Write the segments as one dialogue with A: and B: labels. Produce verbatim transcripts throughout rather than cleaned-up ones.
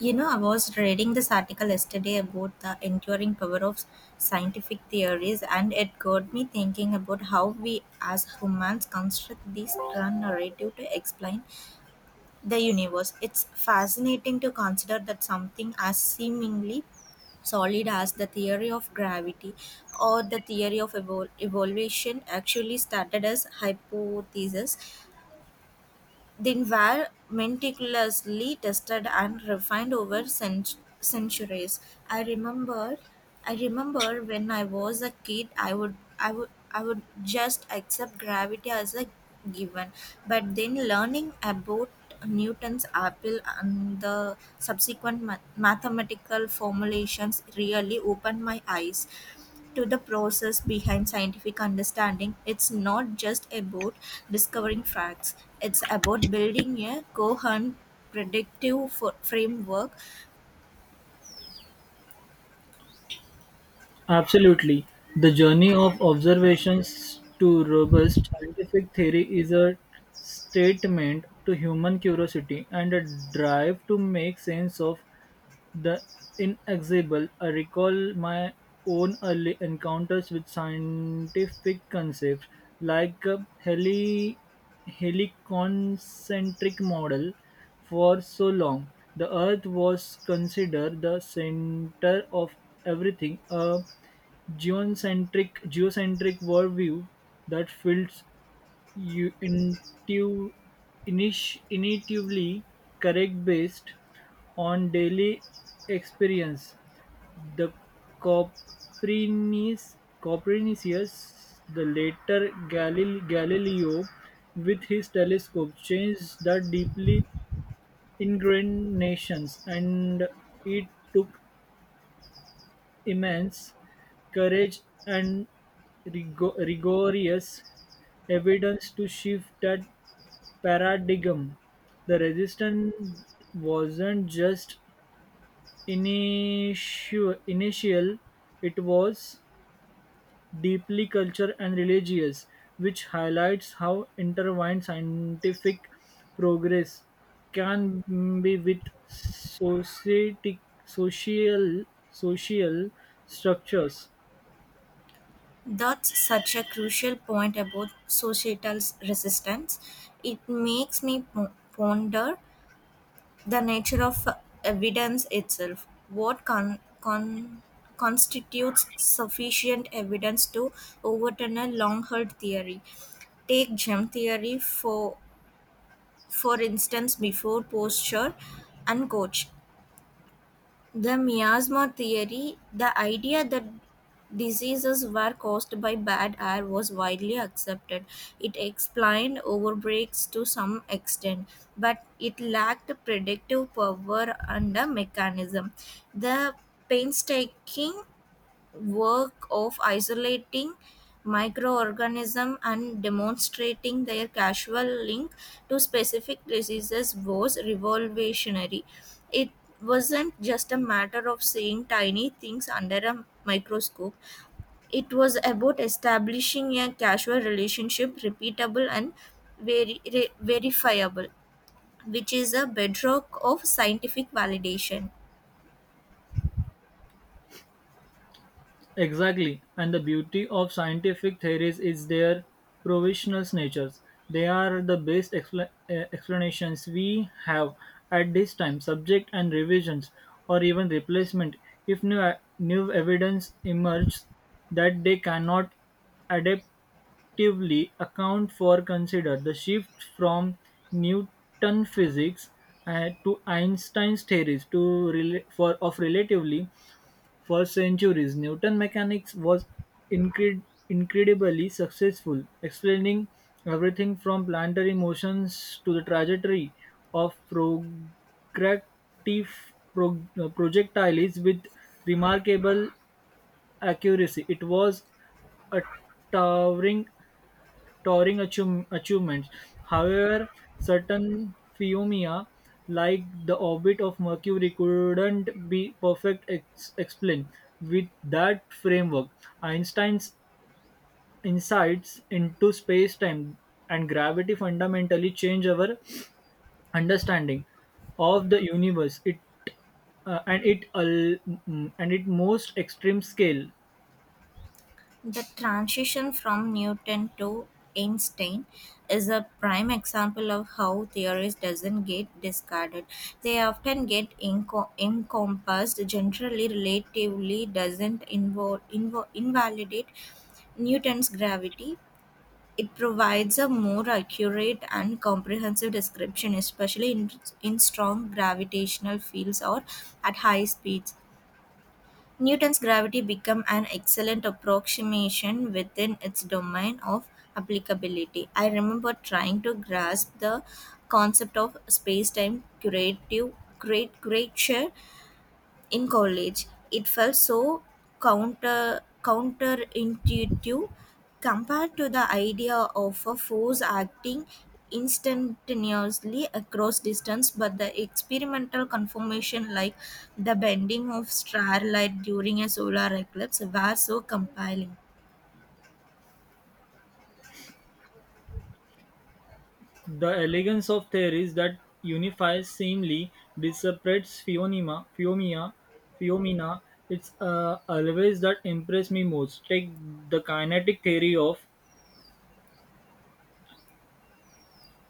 A: You know, I was reading this article yesterday about the enduring power of scientific theories, and it got me thinking about how we as humans construct this grand narrative to explain the universe. It's fascinating to consider that something as seemingly solid as the theory of gravity or the theory of evol- evolution actually started as hypotheses they were meticulously tested and refined over cent- centuries. I remembered, I remember when I was a kid, I would, I would, I would just accept gravity as a given. But then learning about Newton's apple and the subsequent ma- mathematical formulations really opened my eyes to the process behind scientific understanding. It's not just about discovering facts, it's about building a coherent predictive fo- framework.
B: Absolutely. The journey of observations to robust scientific theory is a statement to human curiosity and a drive to make sense of the Inexorable. I recall my own early encounters with scientific concepts, like a heli- heliconcentric model. For so long, the Earth was considered the center of everything, a geocentric, geocentric worldview that filled u- intu- init- intuitively correct based on daily experience. The Copernicus, Copernicus the later Galil- Galileo, with his telescope, changed the deeply ingrained nations, and it took immense courage and rigo- rigorous evidence to shift that paradigm. The resistance wasn't just initio- initial, it was deeply cultural and religious, which highlights how intertwined scientific progress can be with society, social, social structures.
A: That's such a crucial point about societal s- resistance. It makes me po- ponder the nature of evidence itself. What con- con- constitutes sufficient evidence to overturn a long held theory? Take gem theory for for instance, before posture and coach. The miasma theory, the idea that diseases were caused by bad air, was widely accepted. It explained overbreaks to some extent, but it lacked predictive power and a mechanism. The painstaking work of isolating microorganisms and demonstrating their causal link to specific diseases was revolutionary. It wasn't just a matter of seeing tiny things under a microscope, it was about establishing a causal relationship, repeatable and veri- re- verifiable, which is a bedrock of scientific validation.
B: Exactly, and the beauty of scientific theories is their provisional natures. They are the best expla- eh, explanations we have at this time, subject and revisions, or even replacement if new, eh, new evidence emerges that they cannot adaptively account for. Consider the shift from Newton physics eh, to Einstein's theories to rela- for of relativity. For centuries, Newton mechanics was incre- incredibly successful, explaining everything from planetary motions to the trajectory of progractive pro- uh, projectiles with remarkable accuracy. It was a towering touring achieve- achievements. However, certain phenomena like the orbit of Mercury couldn't be perfect ex- explained with that framework. Einstein's insights into space-time and gravity fundamentally change our understanding of the universe. It uh, and it al- mm, and it most extreme scale.
A: The transition from Newton to Einstein is a prime example of how theories doesn't get discarded. They often get enco- encompassed, generally relatively doesn't invo- invo- invalidate Newton's gravity. It provides a more accurate and comprehensive description, especially in, in strong gravitational fields or at high speeds. Newton's gravity became an excellent approximation within its domain of applicability. I remember trying to grasp the concept of space time curative great great share in college. It felt so counter counterintuitive compared to the idea of a force acting instantaneously across distance, but the experimental conformation like the bending of starlight during a solar eclipse were so compelling.
B: The elegance of theories that unifies seemingly disparate phenomena, phenomena, phenomena, it's uh, always that impress me most. Take the kinetic theory of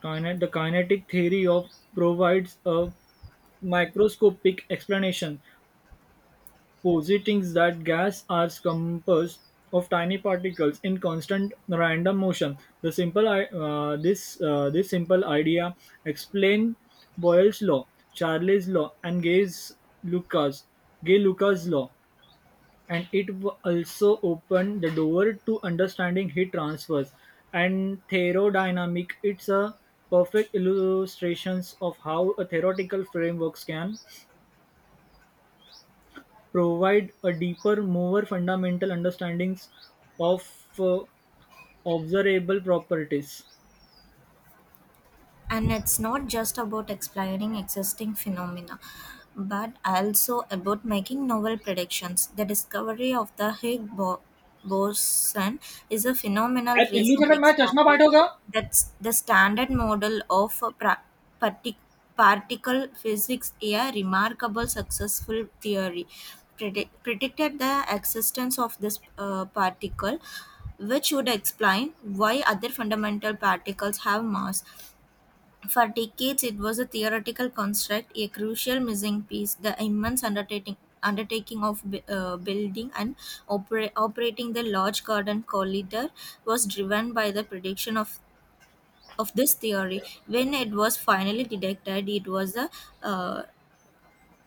B: kinet, the kinetic theory of provides a microscopic explanation, positing that gas are composed of tiny particles in constant random motion. The simple I- uh, this uh, this simple idea explain Boyle's law, Charlie's law, and Gay's Lucas Gay Lucas law, and it w- also opened the door to understanding heat transfers and thermodynamic. It's a perfect illustrations of how a theoretical frameworks can provide a deeper, more fundamental understanding of uh, observable properties.
A: And it's not just about explaining existing phenomena but also about making novel predictions. The discovery of the higgs bo- boson is a phenomenal
B: अरे पिल्लू
A: recent
B: चटक मेरा चश्मा
A: example.
B: Part होगा.
A: That's the standard model of a pra- partic- particle physics, a remarkable successful theory predict- predicted the existence of this uh, particle which would explain why other fundamental particles have mass. For decades, it was a theoretical construct, a crucial missing piece. The immense undertaking, undertaking of bu- uh, building and opera- operating the large garden corridor was driven by the prediction of, of this theory. When it was finally detected, it was a uh,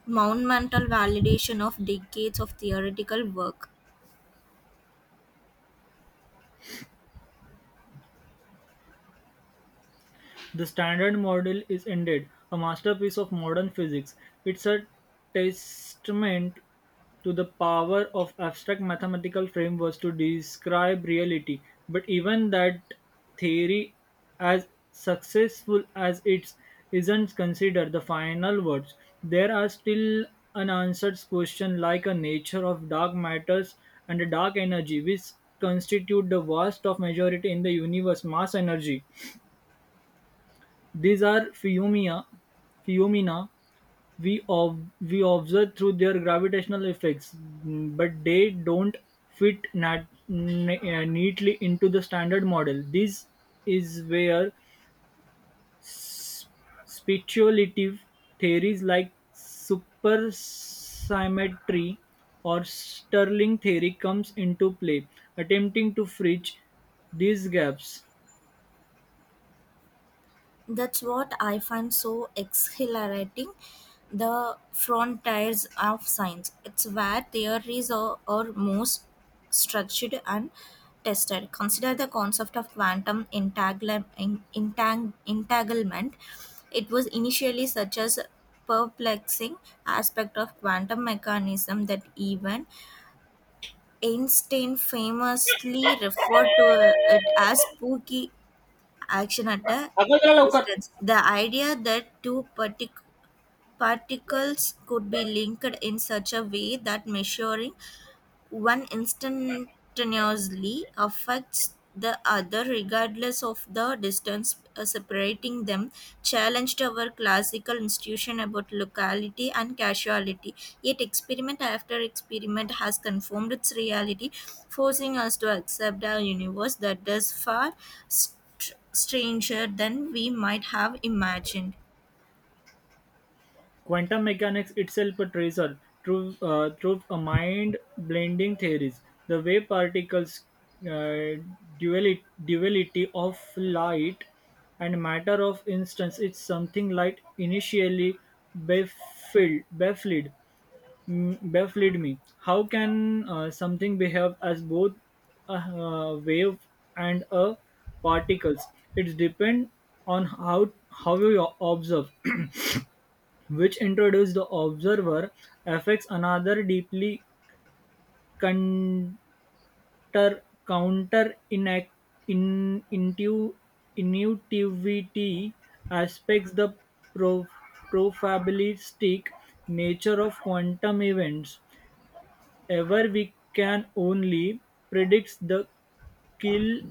A: monumental validation of decades of theoretical work.
B: The Standard Model is indeed a masterpiece of modern physics. It's a testament to the power of abstract mathematical frameworks to describe reality. But even that theory, as successful as it isn't considered the final words, there are still unanswered questions like the nature of dark matters and dark energy, which constitute the vast of majority in the universe mass energy. These are phenomena phenomena we ob we observe through their gravitational effects, but they don't fit nat- ne- uh, neatly into the standard model. This is where speculative theories like supersymmetry or Stirling theory comes into play, attempting to bridge these gaps.
A: That's what I find so exhilarating. The frontiers of science. It's where theories are, are most structured and tested. Consider the concept of quantum entangle- en- entang- entanglement. It was initially such a perplexing aspect of quantum mechanism that even Einstein famously referred to it as spooky action at a
B: अगं, चला लवकर.
A: distance. The idea that two partic- particles could be linked in such a way that measuring one instantaneously affects the other regardless of the distance uh, separating them challenged our classical institution about locality and casuality, yet experiment after experiment has confirmed its reality, forcing us to accept a universe that is far st- stranger than we might have imagined.
B: Quantum mechanics itself portrays her through, uh, through a mind blending theories. The way particles, uh, duality, duality of light and matter of instance, it's something light initially baffled, baffled, mm, baffled me. How can uh, something behave as both a uh, wave and a particles? It depends on how how you observe, which introduces the observer, affects another deeply counter- counter inact, in, intu, intuitivity aspects the pro- probabilistic nature of quantum events. Ever we can only predict the kill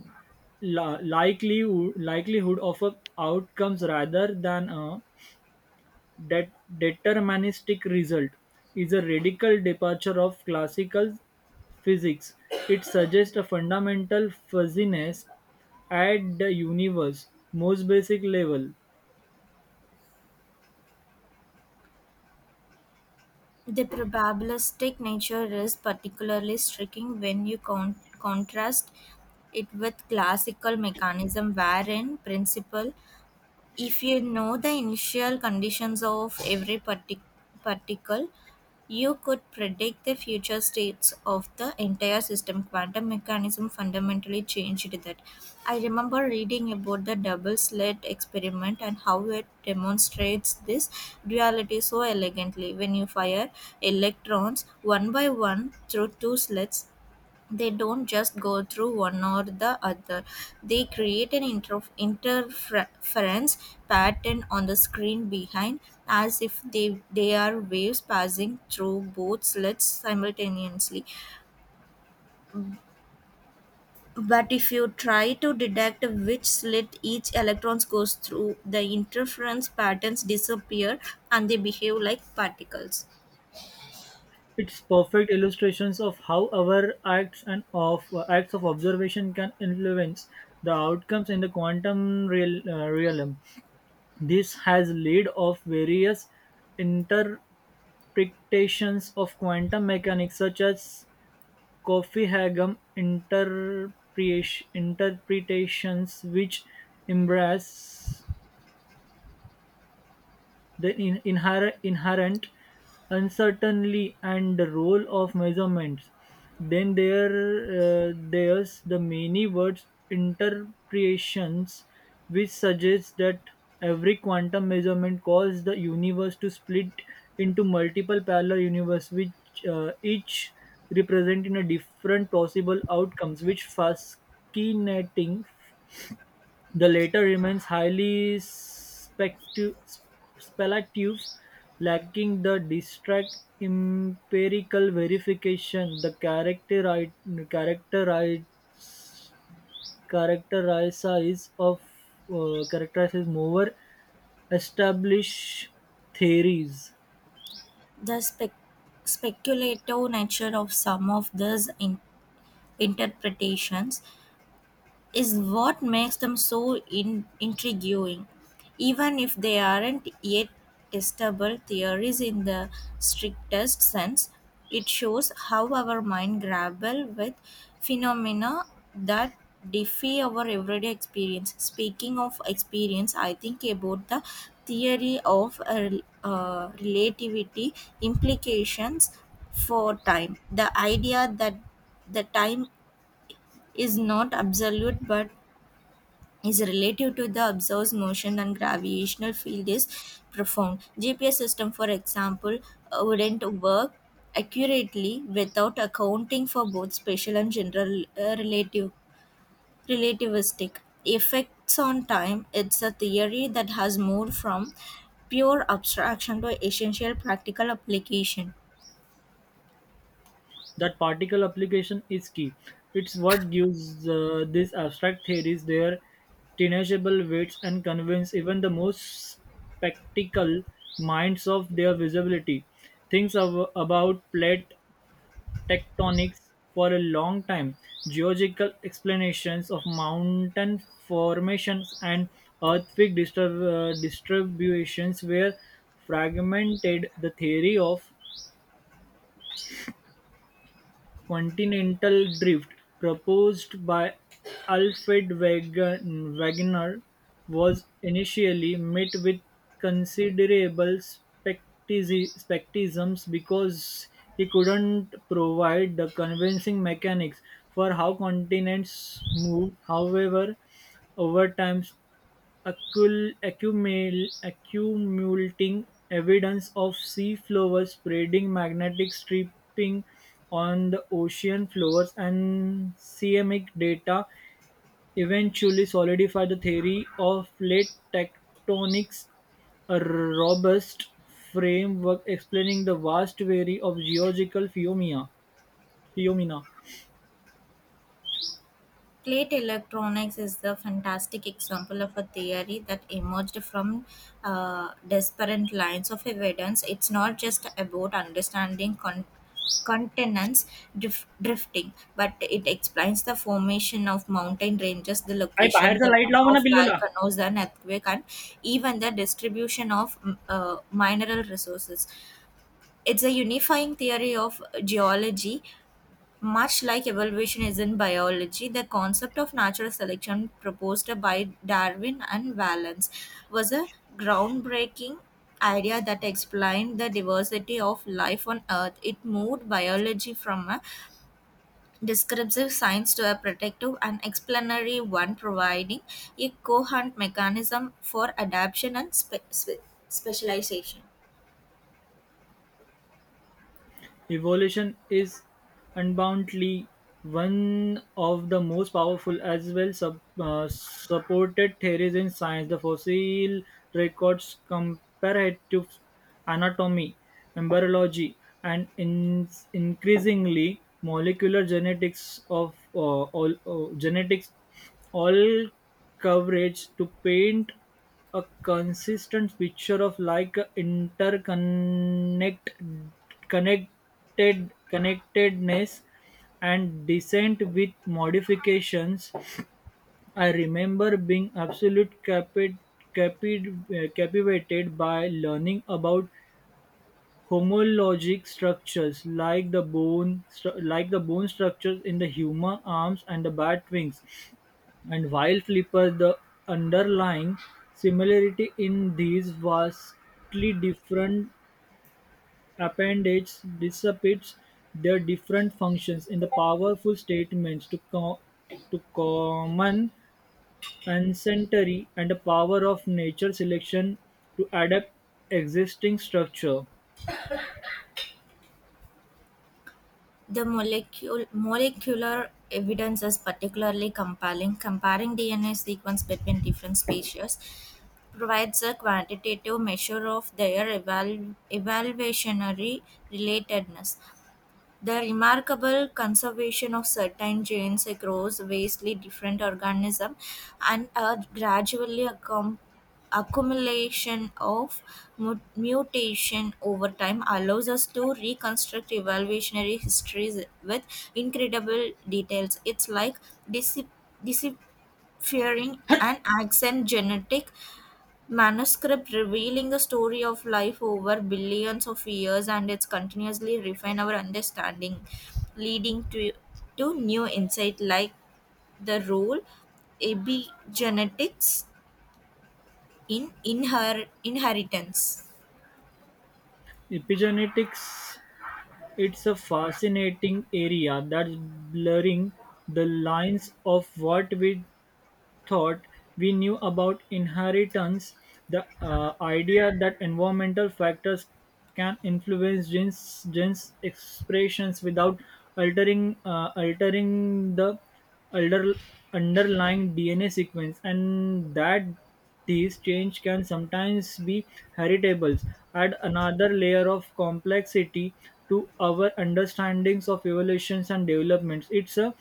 B: la- likelihood likelihood of a outcomes rather than a. That deterministic result is a radical departure of classical physics. It suggests a fundamental fuzziness at the universe's most basic level.
A: The probabilistic nature is particularly striking when you con- contrast it with classical mechanism, wherein principle if you know the initial conditions of every partic- particle, you could predict the future states of the entire system. Quantum mechanism fundamentally changed that. I remember reading about the double slit experiment and how it demonstrates this duality so elegantly. When you fire electrons one by one through two slits, they don't just go through one or the other, they create an interf interference pattern on the screen behind, as if they, they are waves passing through both slits simultaneously. But if you try to detect which slit each electrons goes through, the interference patterns disappear and they behave like particles.
B: It's perfect illustrations of how our acts and of acts of observation can influence the outcomes in the quantum real, uh, realm. This has led of various interpretations of quantum mechanics, such as Coffee Kofi Haggum interpretations, which embrace the in- inher- inherent uncertainty and the role of measurements. Then there uh, there's the many words interpretations, which suggests that every quantum measurement causes the universe to split into multiple parallel universes, which uh, each representing a different possible outcomes which fascinating. The latter remains highly spectu- speculative, lacking the district empirical verification the characteri- characteri- characterizes of uh, characterizes more established theories.
A: The spec- speculative nature of some of these in- interpretations is what makes them so in- intriguing. Even if they aren't yet testable theories in the strictest sense, it shows how our mind grapple with phenomena that defy our everyday experience. Speaking of experience, I think about the theory of uh, uh, relativity implications for time. The idea that the time is not absolute but is relative to the observed motion and gravitational field is profound. G P S system, for example, uh, wouldn't work accurately without accounting for both spatial and general uh, relative relativistic effects on time. It's a theory that has moved from pure abstraction to essential practical application.
B: That particle application is key. It's what gives uh, these abstract theories their tenaciable weights and convince even the most spectacle minds of their visibility. Things av- about plate tectonics for a long time, geological explanations of mountain formations and earthquake disturb- uh, distributions were fragmented. The theory of continental drift, proposed by Alfred Wagen- Wegener, was initially met with considerable skeptici- skepticism because he couldn't provide the convincing mechanics for how continents move. However, over time, accul- accumul- accumulating evidence of sea floor spreading, magnetic stripping on the ocean floors, and seismic data eventually solidified the theory of plate tectonics, a robust framework explaining the vast array of geological phenomena. phenomena.
A: Plate electronics is the fantastic example of a theory that emerged from uh, disparate lines of evidence. It's not just about understanding con- continents drif- drifting, but it explains the formation of mountain ranges, the
B: अरे
A: location
B: बाहेरचा
A: the,
B: light लाव म्हणा
A: of
B: पिल्लूला.
A: volcanoes, and earthquake, and even the distribution of mm, uh, mineral resources. It's a unifying theory of geology, much like evolution is in biology. The concept of natural selection proposed by Darwin and Wallace was a groundbreaking idea that explained the diversity of life on Earth. It moved biology from a descriptive science to a protective and explanatory one, providing a coherent mechanism for adaptation and spe- spe- specialization.
B: Evolution is undoubtedly one of the most powerful as well sub, uh, supported theories in science. The fossil records, comparative anatomy, embryology, and in, increasingly molecular genetics of uh, all uh, genetics all coverage to paint a consistent picture of like interconnected connectedness and descent with modifications. I remember being absolute capi- capi- captivated by learning about homologic structures like the bone stru- like the bone structures in the human arms and the bat wings and while Flipper. The underlying similarity in these vastly different appendages dissipates their different functions in the powerful statements to, co- to common ancestry and the power of nature selection to adapt existing structure.
A: The molecule, molecular evidence is particularly compelling. Comparing D N A sequence between different species provides a quantitative measure of their eval- evaluationary relatedness. The remarkable conservation of certain genes across vastly different organisms and a gradually accom- accumulation of mu- mutation over time allows us to reconstruct evolutionary histories with incredible details. It's like decip- deciphering an ancient genetic manuscript revealing the story of life over billions of years, and it's continuously refine our understanding, leading to to new insight like the role epigenetics in inher- inheritance.
B: Epigenetics, it's a fascinating area that's blurring the lines of what we thought we knew about inheritance, the uh, idea that environmental factors can influence genes, genes expressions without altering uh, altering the under, underlying D N A sequence, and that these change can sometimes be heritable, add another layer of complexity to our understandings of evolutions and developments. It's a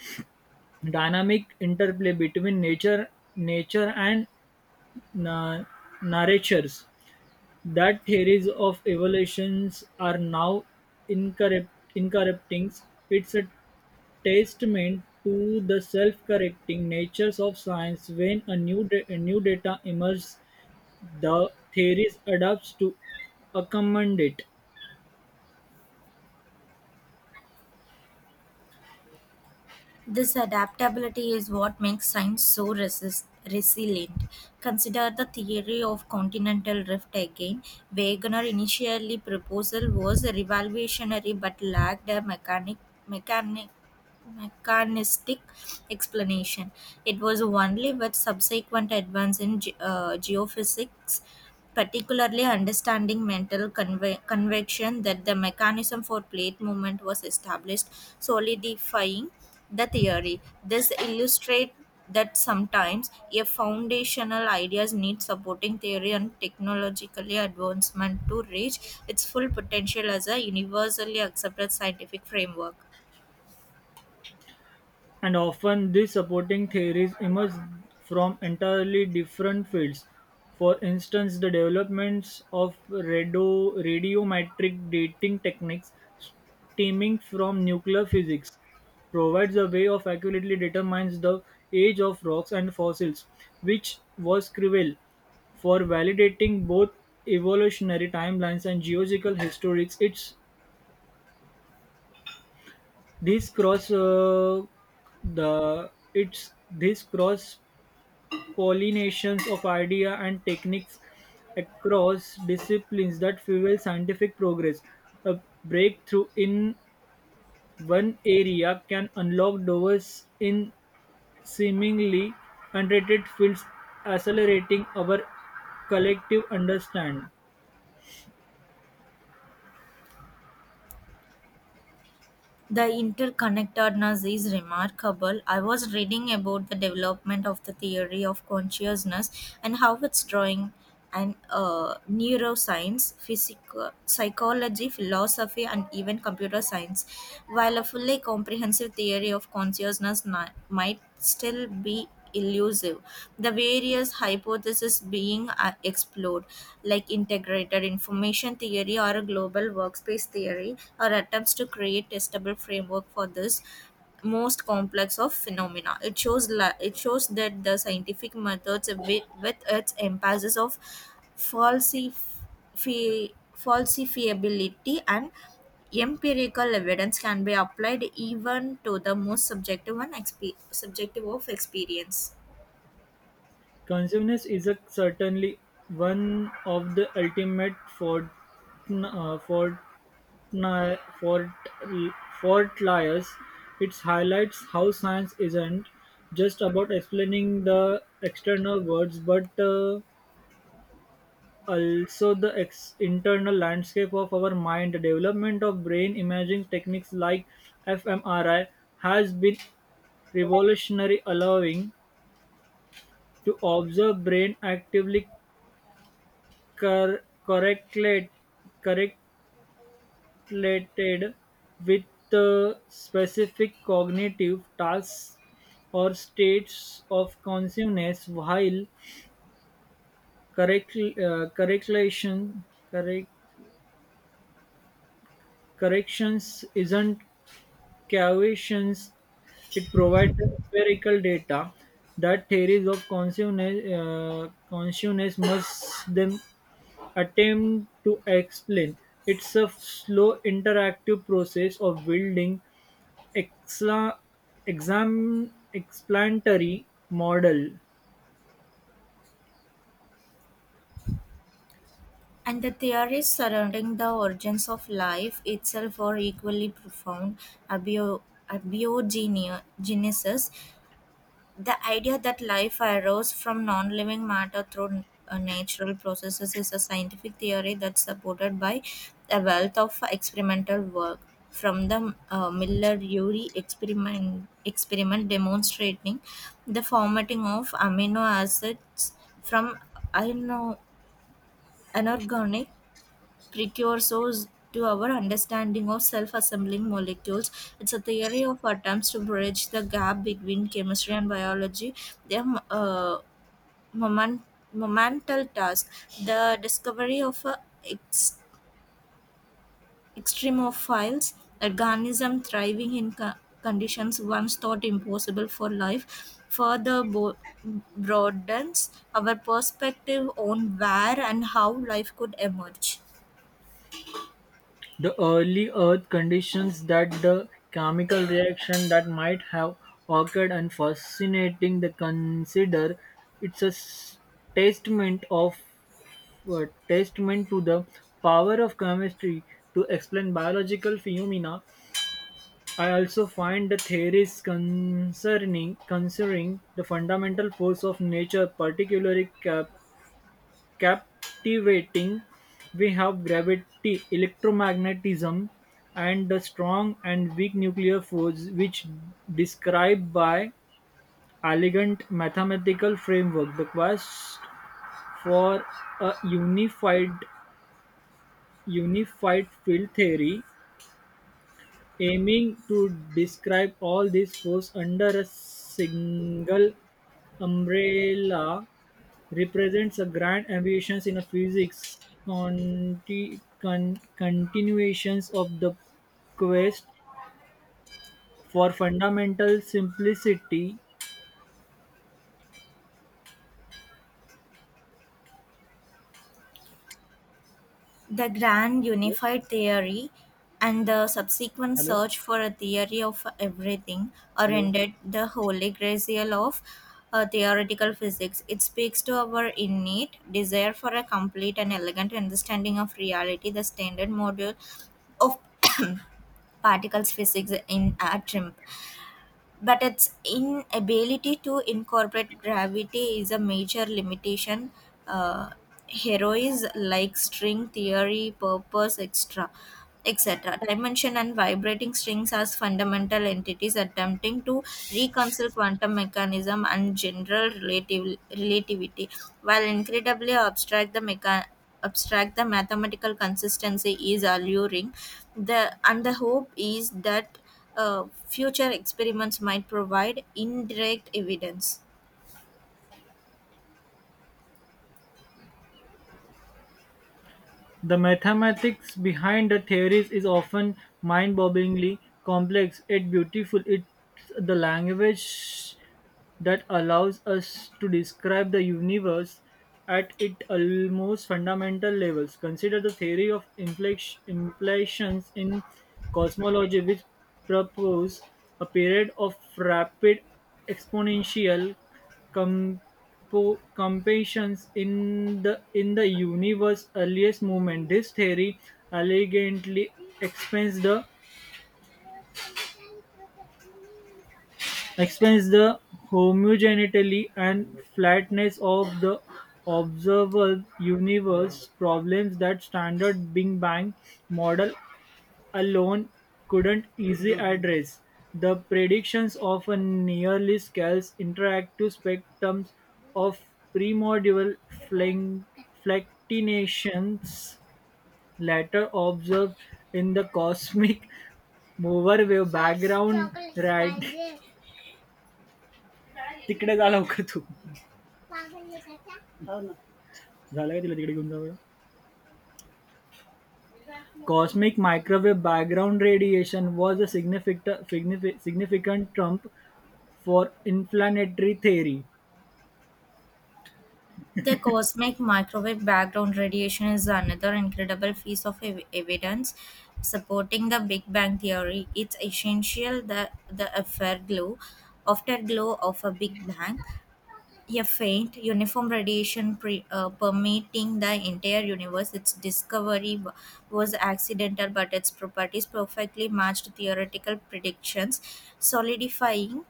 B: dynamic interplay between nature nature and na- nurtures. That theories of evolutions are now incorrect, incorrecting. It's a testament to the self-correcting natures of science. When a new da- a new data emerges, the theories adapts to accommodate.
A: This adaptability is what makes science so resist- resilient. Consider the theory of continental rift again. Wegener's initially proposal was revolutionary but lacked a mechanic mechanic mechanistic explanation. It was only with subsequent advance in ge- uh, geophysics, particularly understanding mental conve- convection, that the mechanism for plate movement was established, solidifying the theory. This illustrates that sometimes a foundational ideas need supporting theory and technologically advancement to reach its full potential as a universally accepted scientific framework.
B: And often these supporting theories emerge from entirely different fields. For instance, the developments of radio, radiometric dating techniques stemming from nuclear physics provides a way of accurately determines the age of rocks and fossils, which was crucial for validating both evolutionary timelines and geological historics. It's this cross uh, the it's this cross pollinations of idea and techniques across disciplines that fuel scientific progress. A breakthrough in one area can unlock doors in seemingly unrelated fields, accelerating our collective understanding.
A: The interconnectedness is remarkable. I was reading about the development of the theory of consciousness and how it's drawing and uh, neuroscience, physico- psychology, philosophy, and even computer science. While a fully comprehensive theory of consciousness ni- might still be elusive. The various hypotheses being uh, explored, like integrated information theory or a global workspace theory, are attempts to create testable framework for this most complex of phenomena. It shows la- it shows that the scientific methods with, with its emphasis of falsifying fi- falsifiability and empirical evidence can be applied even to the most subjective and exp- subjective of experience.
B: Consciousness is, a certainly one of the ultimate fort, uh, fort, fort, fortliers. It highlights how science isn't just about explaining the external worlds, but uh, also the ex- internal landscape of our mind. The development of brain imaging techniques like f M R I has been revolutionary, allowing to observe brain actively cor- correlate- correlated with the specific cognitive tasks or states of consciousness, while correct, uh, correlation, correct, corrections isn't caviations. It provides the empirical data that theories of consciousness, uh, consciousness must them attempt to explain. It's a slow, interactive process of building exa- exam- explanatory model,
A: And the theories surrounding the origins of life itself are equally profound. Abio- Abiogenesis. The idea that life arose from non living matter through uh, natural processes is a scientific theory that's supported by a wealth of experimental work. From the uh, Miller Urey experiment, experiment demonstrating the formatting of amino acids from ano- inorganic precursors to our understanding of self assembling molecules. It's a theory of attempts to bridge the gap between chemistry and biology. They uh, moment, momental task. The discovery of a ex- extremophiles organism thriving in co- conditions once thought impossible for life further bo- broadens our perspective on where and how life could emerge.
B: the early Earth conditions that the chemical reaction that might have occurred, and fascinating. The consider. It's a s- testament of uh, testament to the power of chemistry to explain biological phenomena. I also find the theories concerning considering the fundamental force of nature particularly cap- captivating. We have gravity, electromagnetism, and the strong and weak nuclear force, which described by elegant mathematical framework. The quest for a unified unified field theory, aiming to describe all these forces under a single umbrella, represents a grand ambitions in a physics conti- con- continuations of the quest for fundamental simplicity.
A: The grand unified theory and the subsequent
B: Hello,
A: search for a theory of everything are
B: hello.
A: indeed the holy grail of uh, theoretical physics. It speaks to our innate desire for a complete and elegant understanding of reality. The standard module of particles physics in at trim, but its inability to incorporate gravity is a major limitation. Uh, Heroes like string theory, purpose, extra, et cetera. Dimension and vibrating strings as fundamental entities attempting to reconcile quantum mechanism and general relativ- relativity, while incredibly abstract the mecha- abstract the mathematical consistency is alluring, the and the hope is that uh, future experiments might provide indirect evidence.
B: The mathematics behind the theories is often mind-bogglingly complex yet beautiful. It's the language that allows us to describe the universe at its almost fundamental levels. Consider the theory of inflex- inflations in cosmology, which propose a period of rapid exponential competitions in the in the universe's earliest movement. This theory elegantly explains the explains the homogeneity and flatness of the observable universe, problems that standard Big Bang model alone couldn't easily address. The predictions of a nearly scarce interactive spectrum of primordial flan- flatinations later observed in the cosmic microwave background right तिकडे जा लवकर तू. झालं का तिला तिकडे घेऊन जा. Cosmic microwave background radiation was a significant significant triumph for inflationary theory.
A: The cosmic microwave background radiation is another incredible piece of ev- evidence supporting the Big Bang theory. It's essential that the afterglow, afterglow of a Big Bang, a faint, uniform radiation pre, uh, permeating the entire universe. Its discovery wa- was accidental, but its properties perfectly matched theoretical predictions, solidifying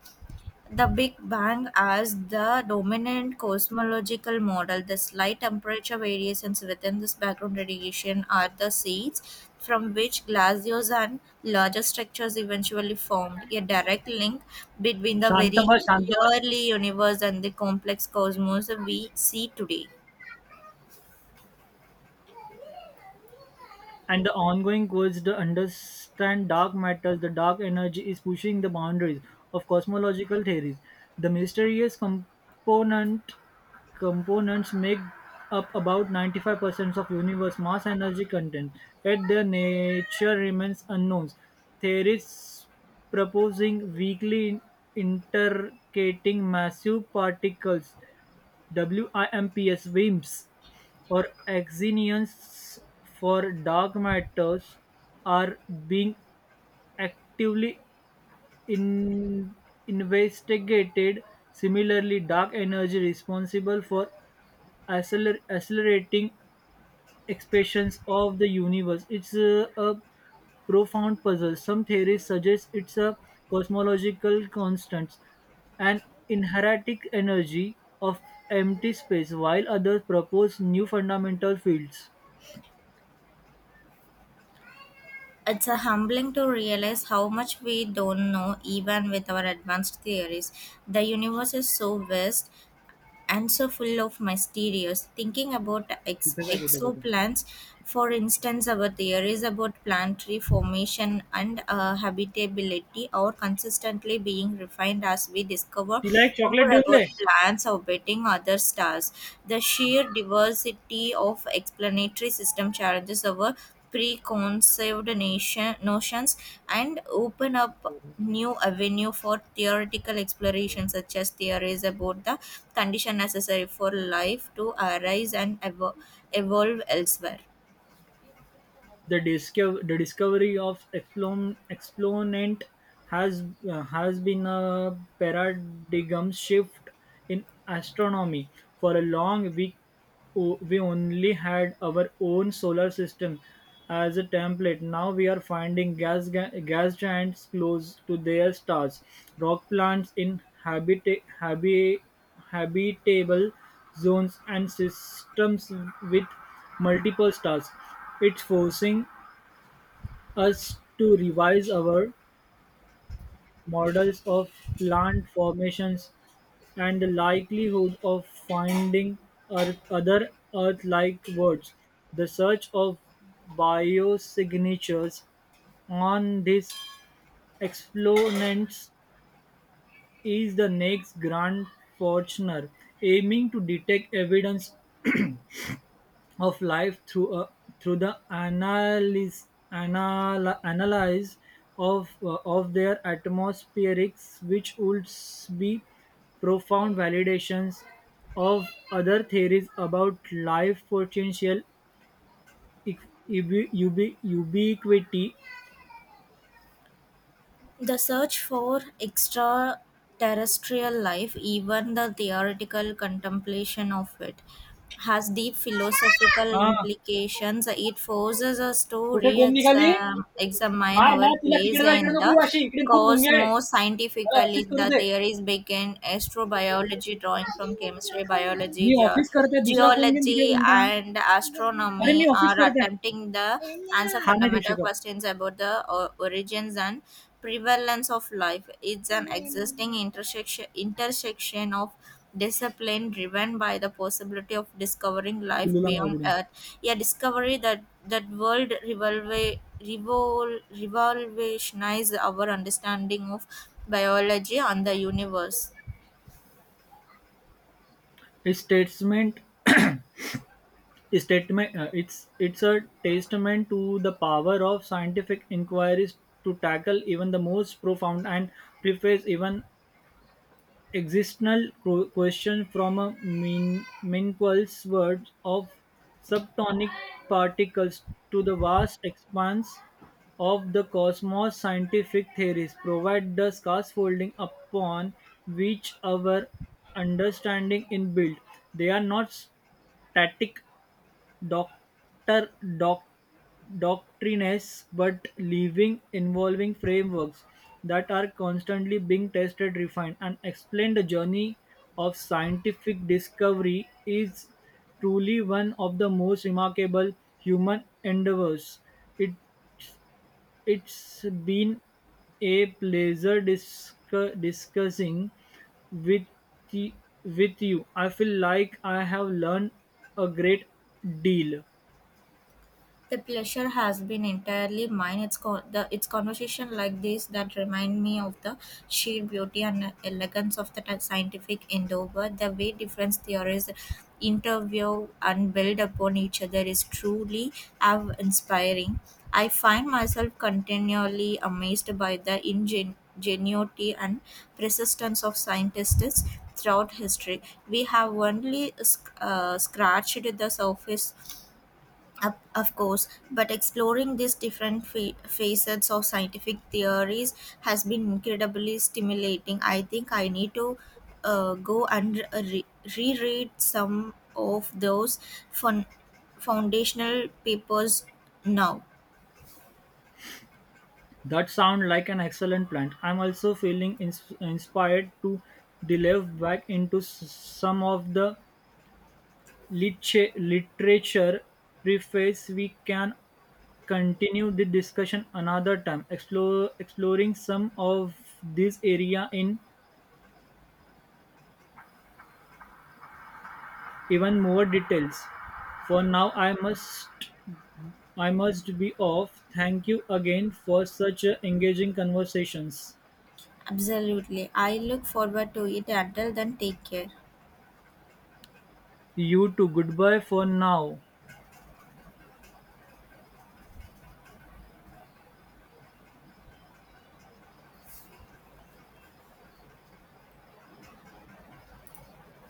A: the Big Bang as the dominant cosmological model. The slight temperature variations within this background radiation are the seeds from which glaciers and larger structures eventually formed, a direct link between the very
B: Shantava, Shantava.
A: early universe and the complex cosmos we see today.
B: And the ongoing quest to understand dark matter, the dark energy is pushing the boundaries of cosmological theories. The mysterious component components make up about ninety-five percent of universe mass energy content, yet their nature remains unknown. Theories proposing weakly interacting massive particles (WIMPs), WIMPs or axions for dark matter are being actively in- investigated. Similarly, dark energy responsible for acceler- accelerating expressions of the universe. It's a, a profound puzzle. Some theories suggest it's a cosmological constant, an inherent energy of empty space, while others propose new fundamental fields.
A: It's a humbling to realize how much we don't know even with our advanced theories. The universe is so vast and so full of mysterious thinking about ex-
B: कुठे काय कुठे तरी.
A: exoplanets, for instance. Our theories about planetary formation and uh, habitability are consistently being refined as we discover
B: तिला एक chocolate
A: more
B: देऊन दे.
A: about planets orbiting other stars. The sheer diversity of explanatory system challenges our preconceived nation, notions and open up new avenue for theoretical exploration, such as theories about the condition necessary for life to arise and evo- evolve elsewhere.
B: The, disco- the discovery of explon- exponent has uh, has been a paradigm shift in astronomy. For a long week, o- we only had our own solar system as a template. Now we are finding gas ga- gas giants close to their stars, rock plants in habita- habi- habitable zones, and systems with multiple stars. It's forcing us to revise our models of plant formations and the likelihood of finding earth, other Earth-like worlds. The search of biosignatures on these exponents is the next grand fortune, aiming to detect evidence of life through a, through the analysis anal, analysis of uh, of their atmospherics, which would s- be profound validations of other theories about life potential equ- ubi- ubi- ubiquity.
A: The search for extraterrestrial life, even the theoretical contemplation of it, has deep philosophical
B: हा.
A: implications. It forces us to
B: कुठे
A: re
B: गोम निघाली.
A: examine
B: मार
A: our
B: मार तिला
A: place
B: तिकडे जा इकडे
A: in
B: नको
A: the
B: येऊ अशी इकडे खूप मुंग्या आहे.
A: cosmos
B: मला
A: scientifically.
B: ऑफिस करू
A: The
B: दे.
A: theories began astrobiology, drawing from chemistry, biology,
B: मी
A: ge-
B: ऑफिस करते दुसरा फोन घेईन तिकडे
A: geology,
B: कोणता अरे.
A: and
B: मी
A: astronomy,
B: ऑफिस
A: are
B: करते.
A: attempting the answer
B: हा नाही देऊ
A: fundamental
B: शकत.
A: questions about the o- origins and prevalence of life. It's an existing intersection intersection of discipline driven by the possibility of discovering life beyond
B: Its
A: Earth. A discovery that that world revolve revol, revolutionize our understanding of biology and the universe.
B: statement, a statement, uh, it's it's a testament to the power of scientific inquiries to tackle even the most profound and preface even existential qu- question. From a min- minuscule world of subtonic particles to the vast expanse of the cosmos, scientific theories provide the scaffolding upon which our understanding is built. They are not static doctor doc, doctrines but leaving involving frameworks that are constantly being tested, refined and explained. The journey of scientific discovery is truly one of the most remarkable human endeavors. It it's been a pleasure discu- discussing with y- with you. I feel like I have learned a great deal.
A: The pleasure has been entirely mine. It's co- the It's conversation like this that remind me of the sheer beauty and elegance of the t- scientific endeavor. The way different theories interview and build upon each other is truly awe inspiring. I find myself continually amazed by the ingen- ingenuity and persistence of scientists throughout history. We have only sc- uh, scratched the surface of of course, but exploring these different fa- facets of scientific theories has been incredibly stimulating. I think I need to uh, go and re- reread some of those fun- foundational papers now.
B: That sounds like an excellent plan. I'm also feeling ins- inspired to delve back into s- some of the lit- literature preface. We can continue the discussion another time, explore, exploring some of this area in even more details. For now, I must I must be off. Thank you again for such uh, engaging conversations.
A: Absolutely. I look forward to it. Until then, take care.
B: You too. Goodbye for now.